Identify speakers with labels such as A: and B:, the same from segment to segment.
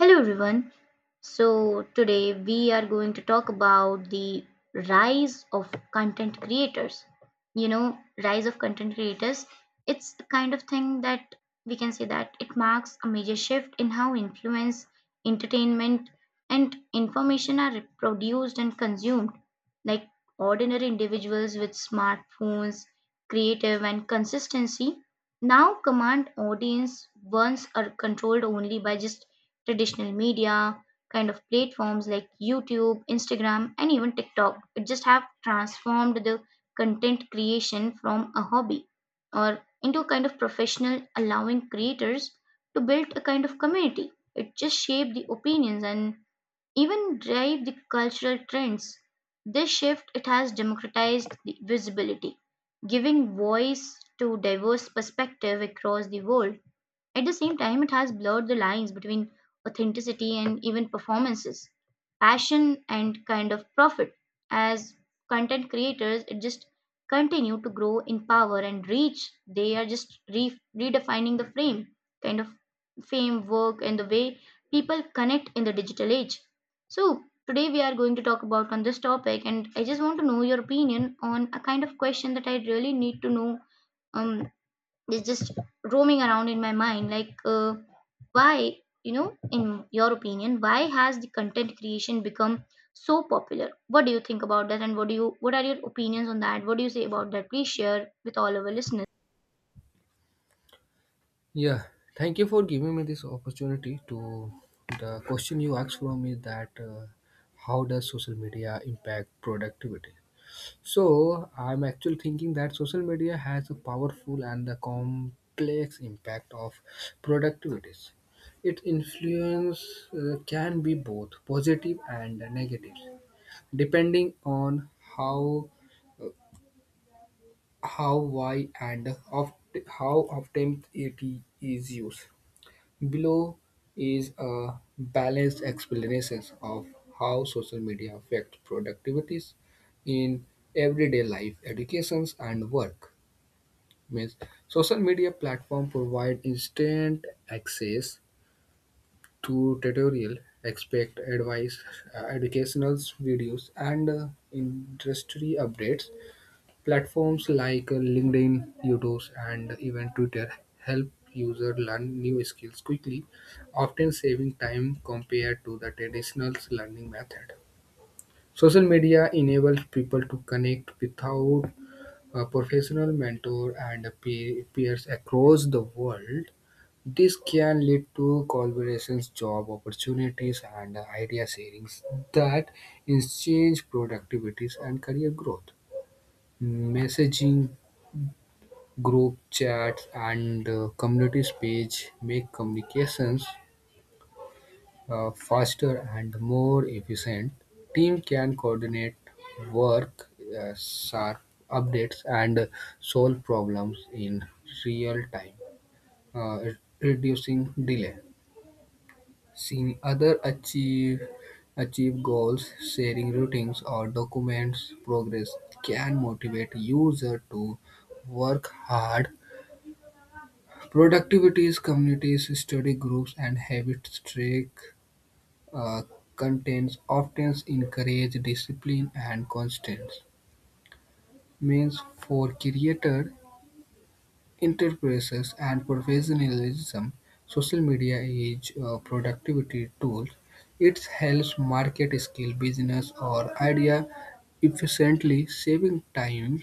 A: Hello everyone. So today we are going to talk about the rise of content creators. You know, rise of content creators, it's the kind of thing that we can say that it marks a major shift in how influence, entertainment and information are produced and consumed. Like ordinary individuals with smartphones, creative and consistency now command audience once are controlled only by just traditional media kind of platforms like YouTube, Instagram, and even TikTok. It just have transformed the content creation from a hobby or into a kind of professional, allowing creators to build a kind of community. It just shaped the opinions and even drive the cultural trends. This shift it has democratized the visibility, giving voice to diverse perspective across the world at the same time, it has blurred the lines between authenticity and even performances, passion and kind of profit. As content creators, it just continue to grow in power and reach. They are just redefining the frame, kind of fame, work, and the way people connect in the digital age. So, today we are going to talk about on this topic, and I just want to know your opinion on a kind of question that I really need to know, um, is just roaming around in my mind like, why, in your opinion, why has the content creation become so popular? What do you think about that? And what do you, what are your opinions on that? What do you say about that? Please share with all our listeners.
B: Yeah, thank you for giving me this opportunity to the question you asked from me that how does social media impact productivity? So, I'm actually thinking that social media has a powerful and a complex impact of productivities. Its influence can be both positive and negative, depending on how, uh, how, why, and of how often it is used. Below is a balanced explanation of how social media affects productivities in everyday life, educations, and work. Means social media platform provide instant access to tutorial, expect advice, educational videos, and industry updates. Platforms like LinkedIn, YouTube, and even Twitter help users learn new skills quickly, often saving time compared to the traditional learning method. Social media enables people to connect without a professional mentor and peers across the world. This can lead to collaborations, job opportunities, and idea sharings that exchange productivities and career growth. Messaging group chats and the communities page make communications faster and more efficient. Team can coordinate work, sharp updates, and solve problems in real time, reducing delay. Seeing other achieve goals, sharing routines or documents progress can motivate user to work hard. Productivities, communities, study groups, and habit track uh, contents often encourage discipline and constants. Means for creator, enterprises, and professionalism, social media is a productivity tool. It helps market skill, business, or idea efficiently, saving time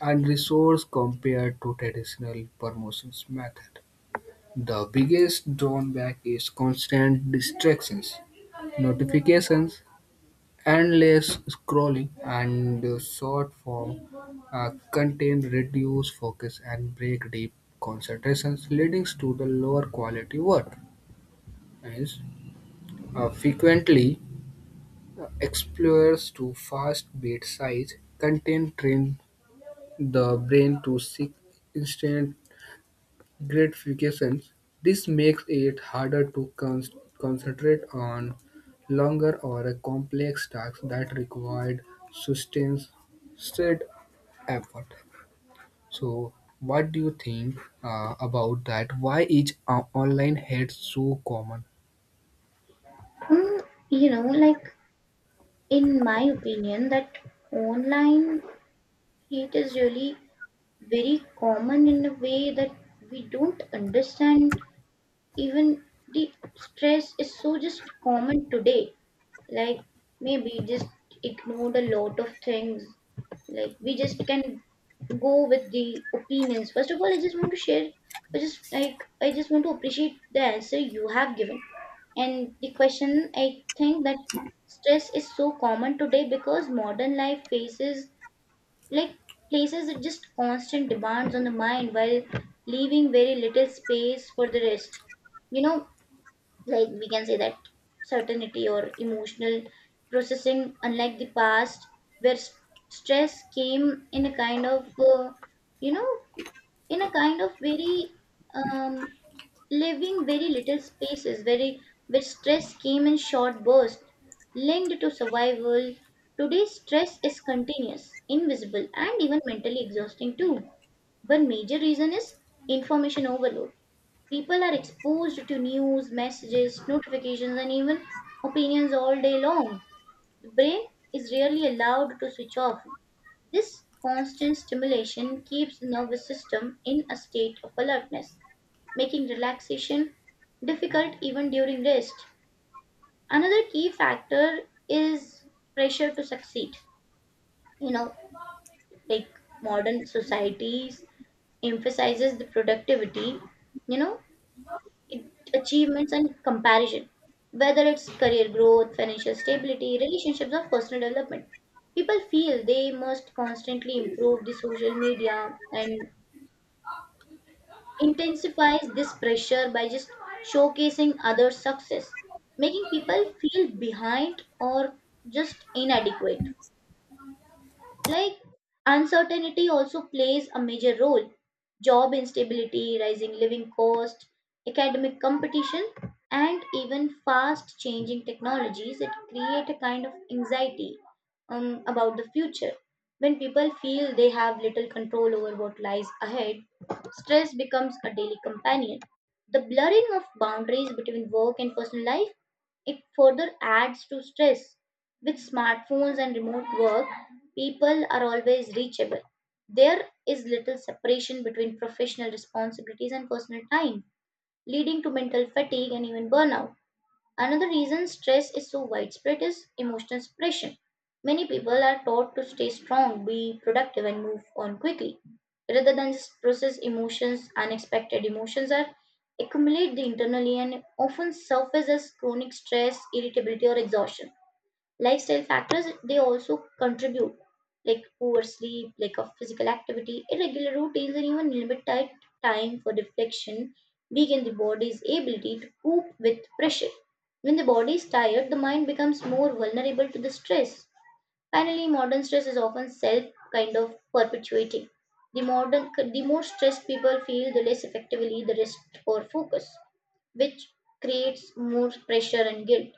B: and resource compared to traditional promotions method. The biggest drawback is constant distractions, notifications, endless scrolling, and the short-form content reduce focus and break deep concentrations, leading to the lower quality work. Hence, frequently explores to fast bite size content train the brain to seek instant gratifications. This makes it harder to concentrate on longer or a complex tasks that required sustained said effort. So, what do you think about that? Why is online hate so common?
A: Mm, you know, like in my opinion, that online hate is really very common in a way that we don't understand, even the stress is so just common today, like maybe just ignored a lot of things, like we just can go with the opinions. First of all, I just want to share, I just like, I just want to appreciate the answer you have given and the question. I think that stress is so common today because modern life faces, like, places it just constant demands on the mind while leaving very little space for the rest, you know like we can say that certainty or emotional processing. Unlike the past where stress came in a kind of, you know in a kind of very, um living very little spaces very, where stress came in short bursts linked to survival, today's stress is continuous, invisible, and even mentally exhausting too. One major reason is information overload. People are exposed to news, messages, notifications, and even opinions all day long. The brain is rarely allowed to switch off. This constant stimulation keeps the nervous system in a state of alertness, making relaxation difficult even during rest. Another key factor is pressure to succeed. You know, like modern societies emphasizes the productivity, you know, it- achievements and comparison, whether it's career growth, financial stability, relationships, or personal development, people feel they must constantly improve. The social media and intensifies this pressure by just showcasing others success, making people feel behind or just inadequate. Like uncertainty also plays a major role. Job instability, rising living cost, academic competition, and even fast changing technologies that create a kind of anxiety about the future. When people feel they have little control over what lies ahead, stress becomes a daily companion. The blurring of boundaries between work and personal life, it further adds to stress. With smartphones and remote work, people are always reachable. There is little separation between professional responsibilities and personal time, leading to mental fatigue and even burnout. Another reason stress is so widespread is emotional suppression. Many people are taught to stay strong, be productive, and move on quickly. Rather than just process emotions, unexpected emotions are accumulate the internally and often surface as chronic stress, irritability, or exhaustion. Lifestyle factors, they also contribute, like poor sleep, lack of physical activity, irregular routines, and even limited time for reflection weaken the body's ability to cope with pressure. When the body is tired, the mind becomes more vulnerable to the stress. Finally, modern stress is often self kind of perpetuating. The modern, the more stressed people feel, the less effectively the rest or focus, which creates more pressure and guilt,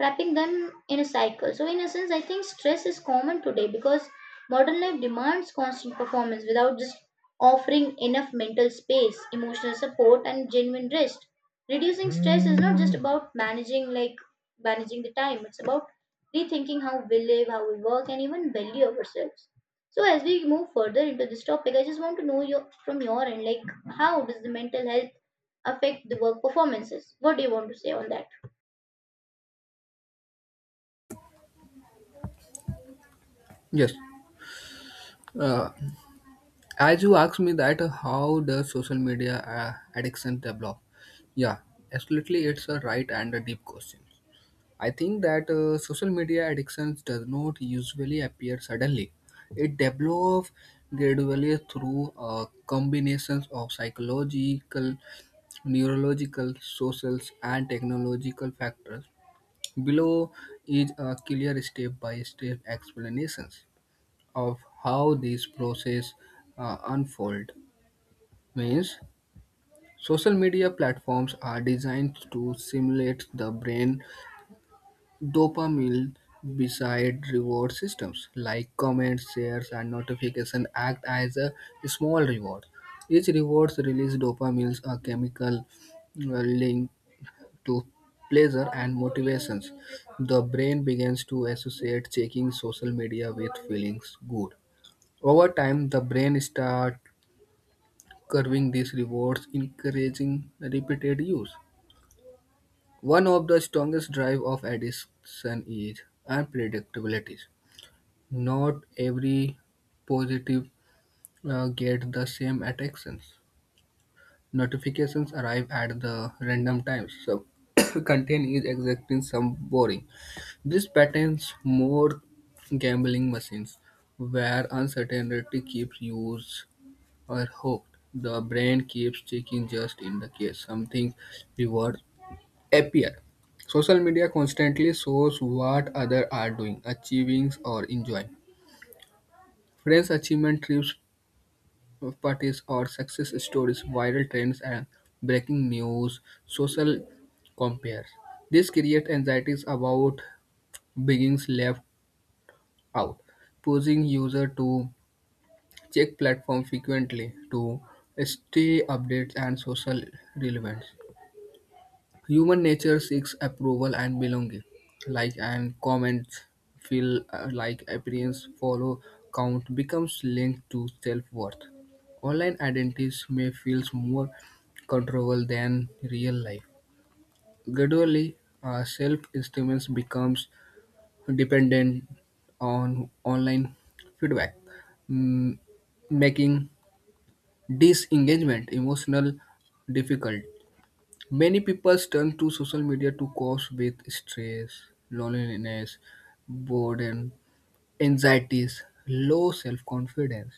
A: wrapping them in a cycle. So, in a sense, I think stress is common today because modern life demands constant performance without just offering enough mental space, emotional support, and genuine rest. Reducing stress is not just about managing the time; it's about rethinking how we live, how we work, and even value ourselves. So, as we move further into this topic, I just want to know your, from your end, like how does the mental health affect the work performances? What do you want to say on that?
B: Yes. Uh, as you asked me that, how does social media addiction develop? Yeah, absolutely, it's a right and a deep question. I think that social media addictions does not usually appear suddenly. It develops gradually through a combination of psychological, neurological, social, and technological factors. Below is a clear step-by-step explanations of how these process unfold. Means social media platforms are designed to simulate the brain. Dopamine beside reward systems like comments, shares, and notification, act as a small reward. Each reward's release dopamines, a chemical linked to pleasure and motivations. The brain begins to associate checking social media with feelings good. Over time, the brain starts curving these rewards, encouraging repeated use. One of the strongest drive of addiction is unpredictability. Not every positive gets the same attractions. Notifications arrive at the random times, so content is exacting some boring. This patterns more gambling machines, where uncertainty keeps users or hooked. The brain keeps checking just in the case something reward appear. Social media constantly shows what others are doing, achieving, or enjoying. Friends' achievement trips parties or success stories, viral trends and breaking news, social compares. This creates anxieties about being left out, pushing user to check platform frequently to stay updated and social relevance. Human nature seeks approval and belonging. Like and comments feel like appearance follow count becomes linked to self-worth. Online identities may feel more controllable than real life. Gradually, self-esteem becomes dependent on online feedback, mm, making disengagement emotional difficult. Many people turn to social media to cope with stress, loneliness, boredom, anxieties, low self-confidence.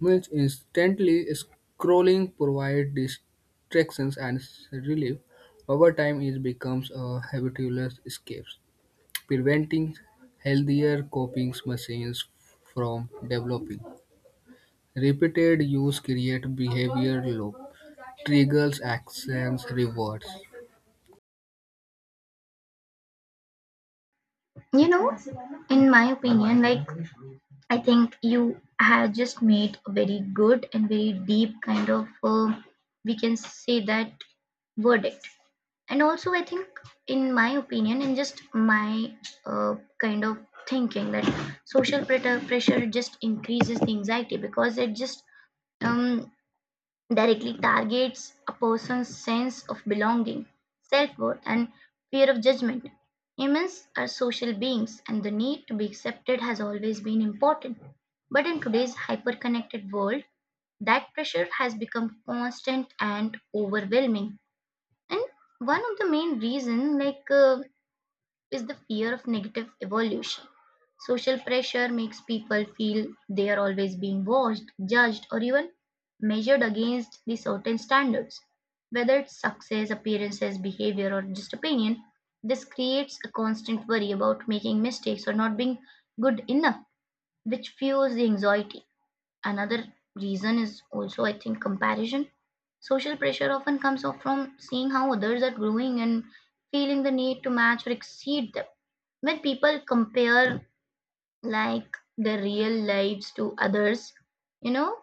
B: Means instantly scrolling provides distractions and relief. Over time, it becomes a habitual escape, preventing healthier coping machines from developing. Repeated use creates behavior loop, triggers actions, rewards.
A: You know, in my opinion, like I think you have just made a very good and very deep kind of, we can say that, verdict. And also, I think, in my opinion, and just my, uh, kind of thinking, that social pressure just increases the anxiety because it just, um, directly targets a person's sense of belonging, self worth, and fear of judgment. Humans are social beings, and the need to be accepted has always been important. But in today's hyper connected world, that pressure has become constant and overwhelming. And one of the main reasons, like, is the fear of negative evolution. Social pressure makes people feel they are always being watched, judged, or even measured against the certain standards. Whether it's success, appearances, behavior, or just opinion, this creates a constant worry about making mistakes or not being good enough, which fuels the anxiety. Another reason is also, I think, comparison. Social pressure often comes off from seeing how others are growing and feeling the need to match or exceed them. When people compare like their real lives to others, you know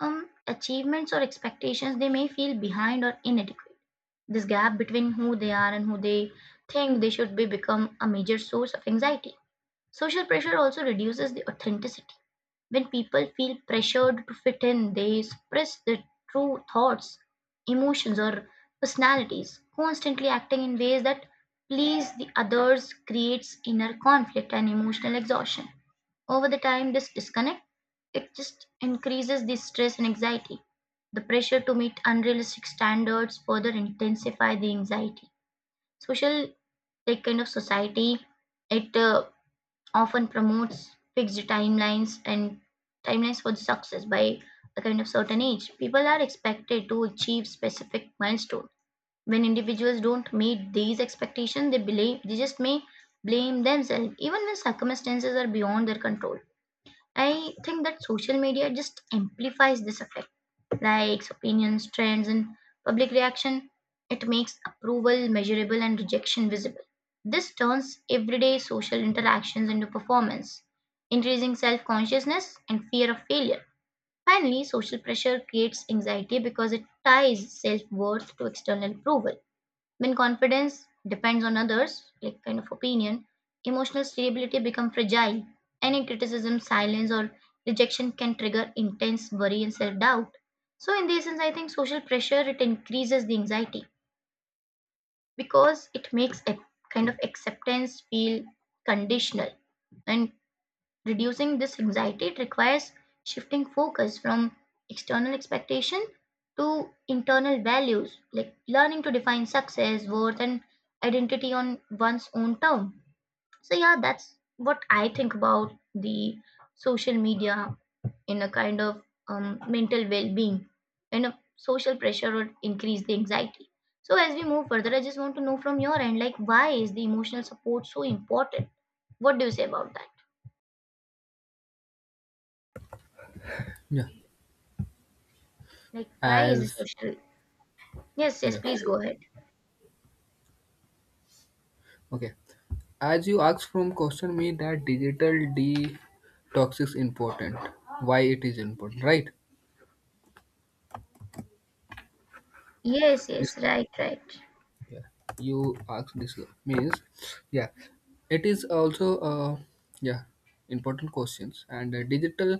A: achievements or expectations, they may feel behind or inadequate. This gap between who they are and who they think they should be become a major source of anxiety. Social pressure also reduces the authenticity. When people feel pressured to fit in, they suppress their true thoughts, emotions, or personalities. Constantly acting in ways that please the others creates inner conflict and emotional exhaustion. Over the time, this disconnect, it just increases the stress and anxiety. The pressure to meet unrealistic standards further intensify the anxiety. Social, like kind of society, it, often promotes fixed timelines and timelines for success. By a kind of certain age, people are expected to achieve specific milestones. When individuals don't meet these expectations, they believe they just may blame themselves, even when circumstances are beyond their control. I think that social media just amplifies this effect. Likes, opinions, trends, and public reaction. It makes approval measurable and rejection visible. This turns everyday social interactions into performance, increasing self consciousness and fear of failure. Finally, social pressure creates anxiety because it ties self worth to external approval. When confidence depends on others, like kind of opinion, emotional stability becomes fragile. Any criticism, silence, or rejection can trigger intense worry and self-doubt. So in this sense, I think social pressure, it increases the anxiety because it makes a kind of acceptance feel conditional, and reducing this anxiety requires shifting focus from external expectation to internal values, like learning to define success, worth, and identity on one's own term. So, yeah, that's what I think about the social media in a kind of, mental well being. And a social pressure would increase the anxiety. So, as we move further, I just want to know from your end, like, why is the emotional support so important? What do you say about that?
B: Yeah.
A: Like, why is it
B: As
A: social? Yes, yes,
B: yeah,
A: please go ahead.
B: okay, as you asked from question me that digital detox is important, why it is important, right?
A: Yes, yes, right, right.
B: Yeah you asked this. Means, yeah, it is also yeah important questions, and digital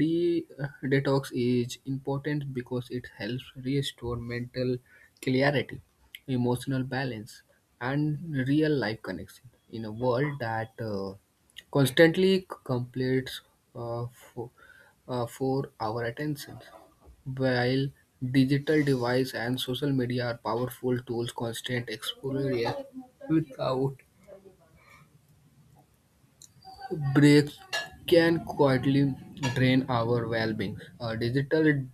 B: detox is important because it helps restore mental clarity, emotional balance, and real life connection in a world that constantly competes uh, for, for our attention. While digital devices and social media are powerful tools, constant exposure without breaks can quietly drain our well-being. A digital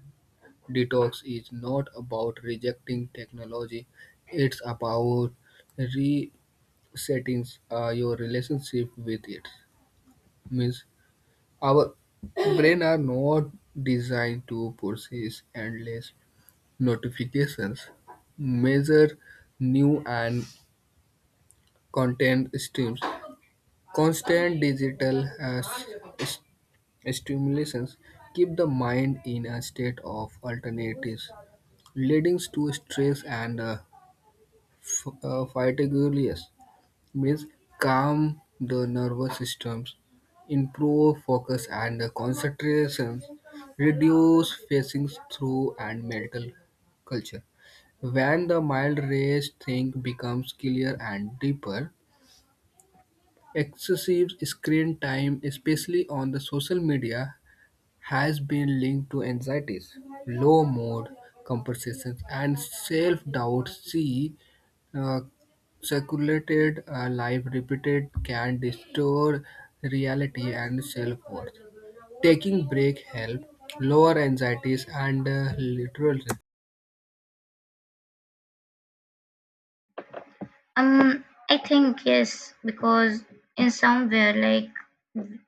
B: detox is not about rejecting technology; it's about resetting your relationship with it. Means our brain are not designed to process endless notifications, measure new and content streams. Constant digital stimulations keep the mind in a state of alternatives, leading to stress and fatigue. Yes. Meals calm the nervous systems, improve focus and concentration, reduce facing through and mental culture. When the mild race think becomes clear and deeper, excessive screen time, especially on the social media, has been linked to anxieties, low mood, comparisons, and self-doubt. See, uh, circulated a life repeated can distort reality and self-worth. Taking break help lower anxieties and literal.
A: Um, I think yes, because in somewhere like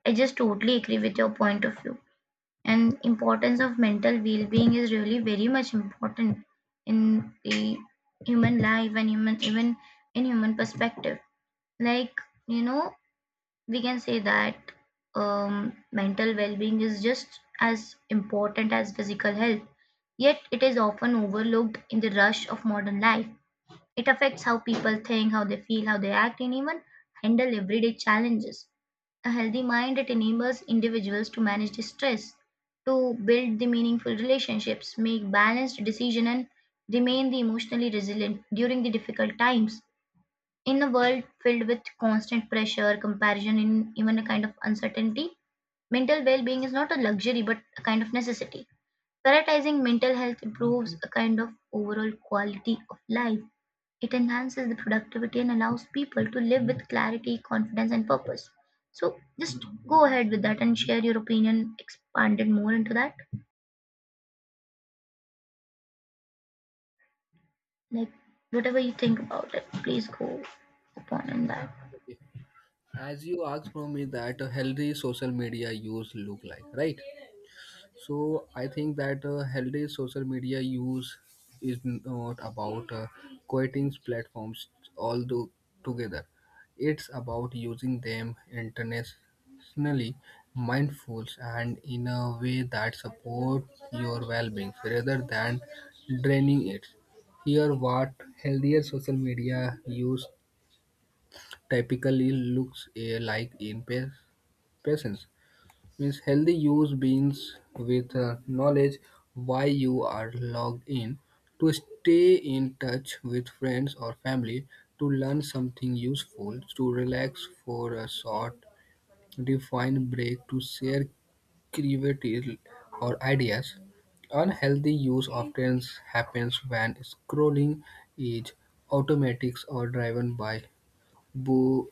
A: I just totally agree with your point of view. And importance of mental well-being is really very much important in the human life and human, even in human perspective. Like, you know, we can say that, mental well-being is just as important as physical health, yet it is often overlooked in the rush of modern life. It affects how people think, how they feel, how they act, and even handle everyday challenges. A healthy mind, it enables individuals to manage the stress, to build the meaningful relationships, make balanced decisions, and remain the emotionally resilient during the difficult times. In a world filled with constant pressure, comparison, and even a kind of uncertainty, mental well being is not a luxury but a kind of necessity. Prioritizing mental health improves a kind of overall quality of life. It enhances the productivity and allows people to live with clarity, confidence, and purpose. So, just go ahead with that and share your opinion, expand it more into that. Like, whatever you think about it, please go upon in that.
B: Okay. As you asked from me that a healthy social media use look like, right? So I think that healthy social media use is not about quitting platforms all do together. It's about using them internationally, mindful, and in a way that support your well-being rather than draining it. Here, what healthier social media use typically looks like in patients. Means healthy use beans with knowledge why you are logged in, to stay in touch with friends or family, to learn something useful, to relax for a short defined break, to share creativity or ideas. Unhealthy use often happens when scrolling is automatic or driven by bo-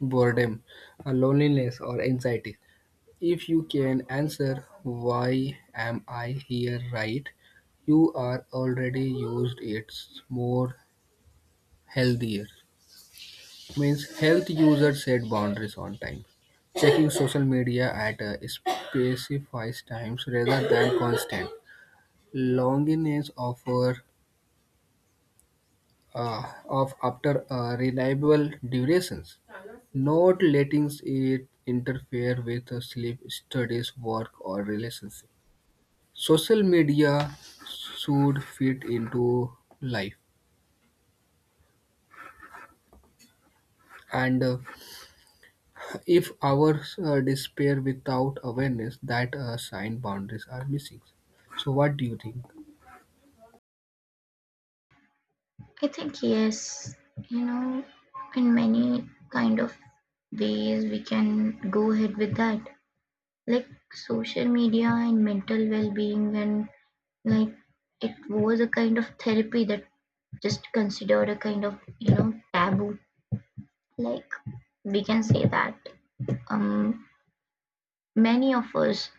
B: boredom, loneliness or anxiety. If you can answer why am I here right, you are already used it's more healthier. Means health users set boundaries on time. Checking social media at a specified times rather than constant. Longiness offer uh, of after a reliable durations. Not letting it interfere with sleep, studies, work, or relationships. Social media should fit into life, and if our despair without awareness, that sign boundaries are missing. So what do you think?
A: I think yes, you know, in many kind of ways we can go ahead with that. Like social media and mental well-being and like it was a kind of therapy that just considered a kind of, you know, taboo. Like we can say that um many of us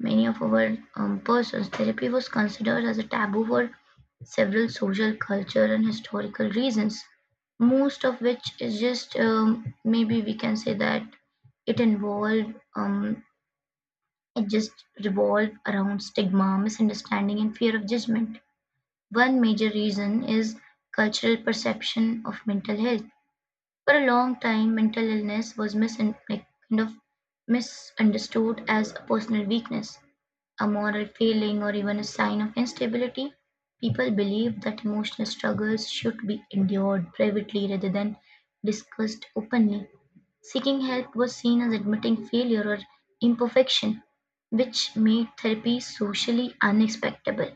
A: many of our persons, therapy was considered as a taboo for several social, cultural, and historical reasons, most of which is just maybe we can say that it involved, it just revolved around stigma, misunderstanding, and fear of judgment. One major reason is cultural perception of mental health. For a long time, mental illness was mis- like, kind of misunderstood as a personal weakness, a moral failing, or even a sign of instability. People believe that emotional struggles should be endured privately rather than discussed openly. Seeking help was seen as admitting failure or imperfection, which made therapy socially unacceptable.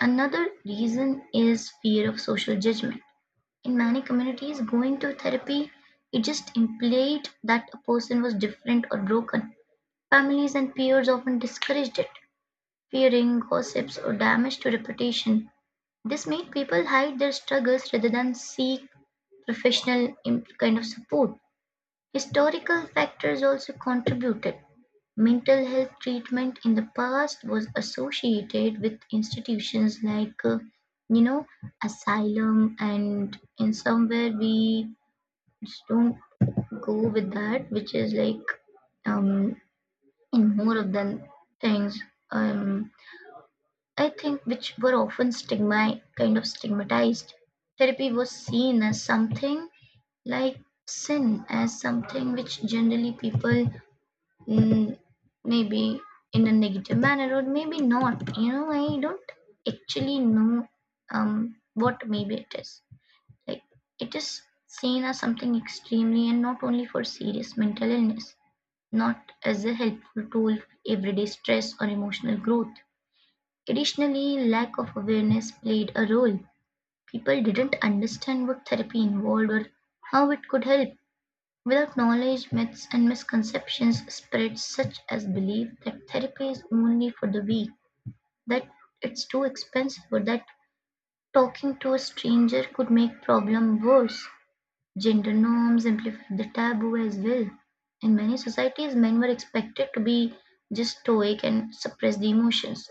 A: Another reason is fear of social judgment. In many communities, going to therapy it just implied that a person was different or broken. Families and peers often discouraged it, fearing gossips or damage to reputation. This made people hide their struggles rather than seek kind of support. Historical factors also contributed. Mental health treatment in the past was associated with institutions like, you know, asylum, and in somewhere we just don't go with that, which is like um, in more of the things. Um, I think which were often stigma kind of stigmatized. Therapy was seen as something like sin, as something which generally people mm, maybe in a negative manner or maybe not. You know, I don't actually know what maybe it is. Like it is seen as something extremely and not only for serious mental illness, not as a helpful tool for everyday stress or emotional growth. Additionally, lack of awareness played a role; people didn't understand what therapy involved or how it could help. Without knowledge, myths and misconceptions spread, such as belief that therapy is only for the weak, that it's too expensive, or that talking to a stranger could make problem worse. Gender norms amplified the taboo as well. In many societies, men were expected to be just stoic and suppress the emotions,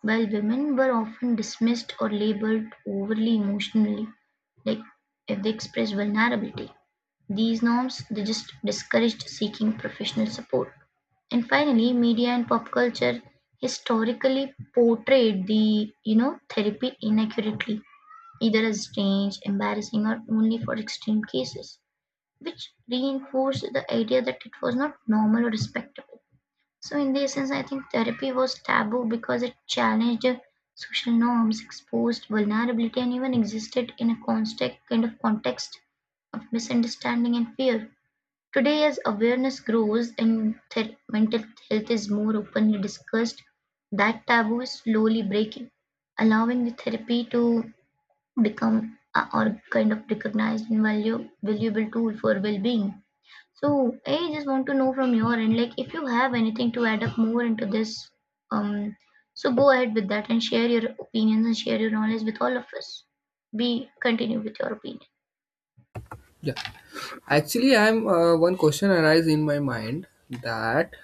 A: while women were often dismissed or labeled overly emotionally, like if they expressed vulnerability. These norms they just discouraged seeking professional support. And finally, media and pop culture historically portrayed the you know therapy inaccurately either as strange, embarrassing, or only for extreme cases, which reinforced the idea that it was not normal or respectable. So, in this sense, I think therapy was taboo because it challenged social norms, exposed vulnerability, and even existed in a constant kind of context of misunderstanding and fear. Today, as awareness grows and mental health is more openly discussed, that taboo is slowly breaking, allowing the therapy to become a, or kind of recognized and valuable tool for well-being. So I just want to know from your end, like if you have anything to add up more into this, um, so go ahead with that and share your opinions and share your knowledge with all of us. Be continue with your opinion.
B: Yeah, actually, I'm one question arise in my mind that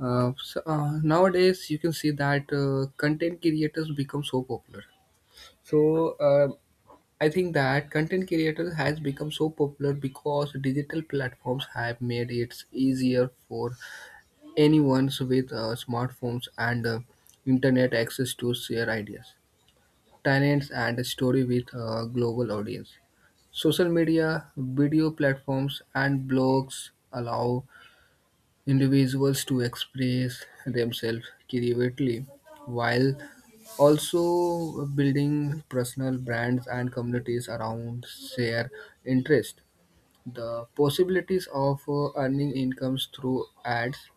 B: nowadays you can see that content creators become so popular. So I think that content creators has become so popular because digital platforms have made it easier for anyone's with smartphones and internet access to share ideas, talents, and story with a global audience. Social media, video platforms, and blogs allow individuals to express themselves creatively, while also building personal brands and communities around their interest. The possibilities of earning incomes through ads,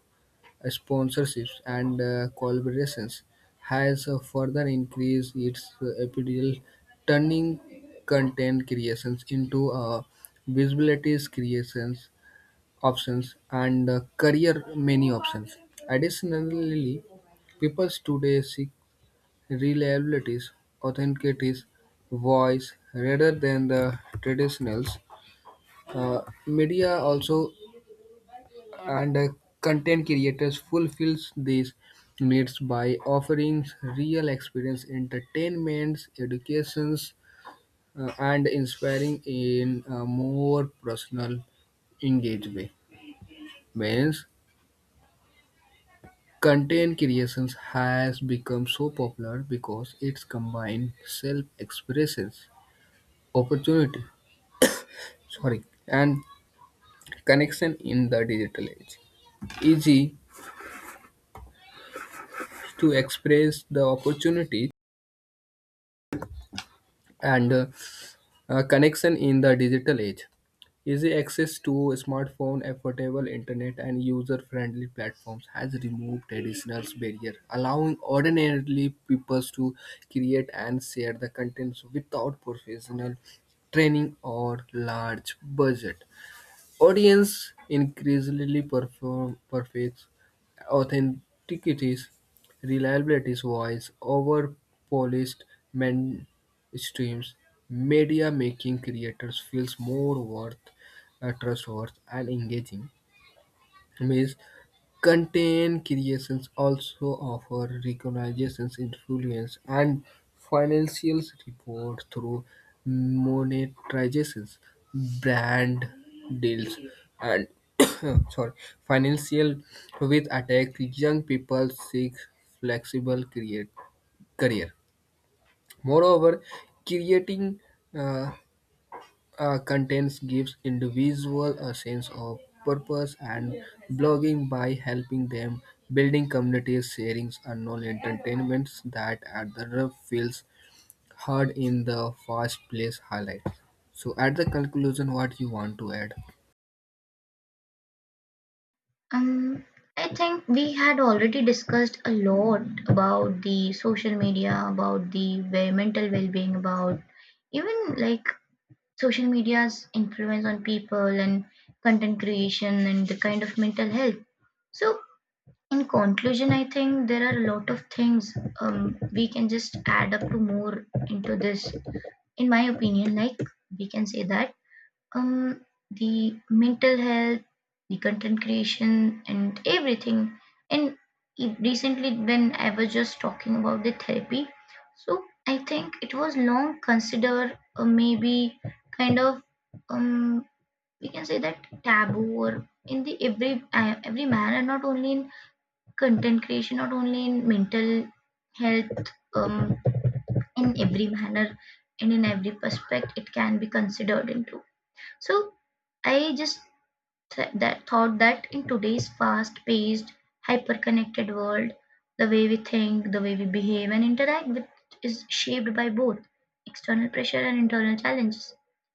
B: sponsorships, and collaborations has further increased its appeal, turning content creations into visibility creations options and career many options. Additionally, people today seek reliabilities, authenticies, voice rather than the traditionals. Uh, Media also, and content creators fulfills these needs by offering real experience entertainments, educations, and inspiring in a more personal engage way. Means content creations has become so popular because it's combined self-expressions opportunity, sorry, and connection in the digital age, easy to express the opportunity, and connection in the digital age. Easy access to smartphone, affordable internet, and user-friendly platforms has removed traditional barrier, allowing ordinary people to create and share the contents without professional training or large budget. Audience increasingly perform perfects authentikity's reliability's voice over polished mainstreams media, making creators feels more worth, trustworthy, and engaging. Means content creations also offer recognitions, influence, and financial support through monetizations, brand deals, and sorry, financial with attack young people seek flexible create, career. Moreover, creating uh, contents gives individual a sense of purpose and blogging by helping them building communities sharing unknown entertainments that other feels hard in the first place highlight. So at the conclusion what you want to add?
A: Um, I think we had already discussed a lot about the social media, about the mental well-being, about even like social media's influence on people and content creation and the kind of mental health. So, in conclusion, I think there are a lot of things we can just add up to more into this. In my opinion, like we can say that um, the mental health, the content creation, and everything. And recently, when I was just talking about the therapy, so I think it was long considered maybe kind of um we can say that taboo or in the every every manner, not only in content creation, not only in mental health, um, in every manner and in every prospect it can be considered into. So I just that thought that in today's fast-paced, hyper-connected world, the way we think, the way we behave and interact with is shaped by both external pressure and internal challenges.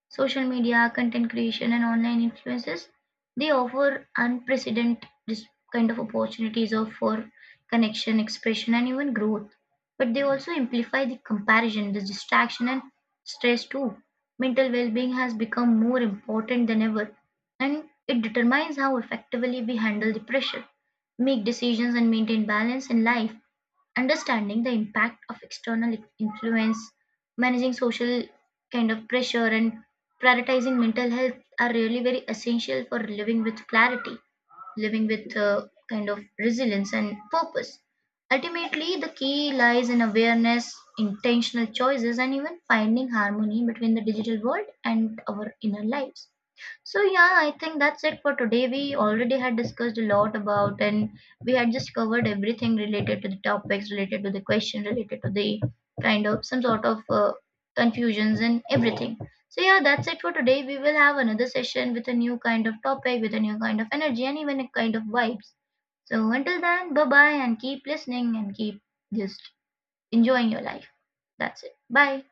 A: Social media, content creation, and online influences they offer kind of opportunities of for connection, expression, and even growth. But they also amplify the comparison, the distraction, and stress too. Mental well-being has become more important than ever and it determines how effectively we handle the pressure, make decisions, and maintain balance in life. Understanding the impact of external influence, managing social kind of pressure, and prioritizing mental health are really very essential for living with clarity, living with kind of resilience and purpose. Ultimately, the key lies in awareness, intentional choices, and even finding harmony between the digital world and our inner lives. So yeah, I think that's it for today. We already had discussed a lot about and we had just covered everything related to the topics, related to the question, related to the kind of some sort of confusions and everything. So yeah, that's it for today. We will have another session with a new kind of topic, with a new kind of energy and even a kind of vibes. So until then, bye bye and keep listening and keep just enjoying your life. That's it. Bye.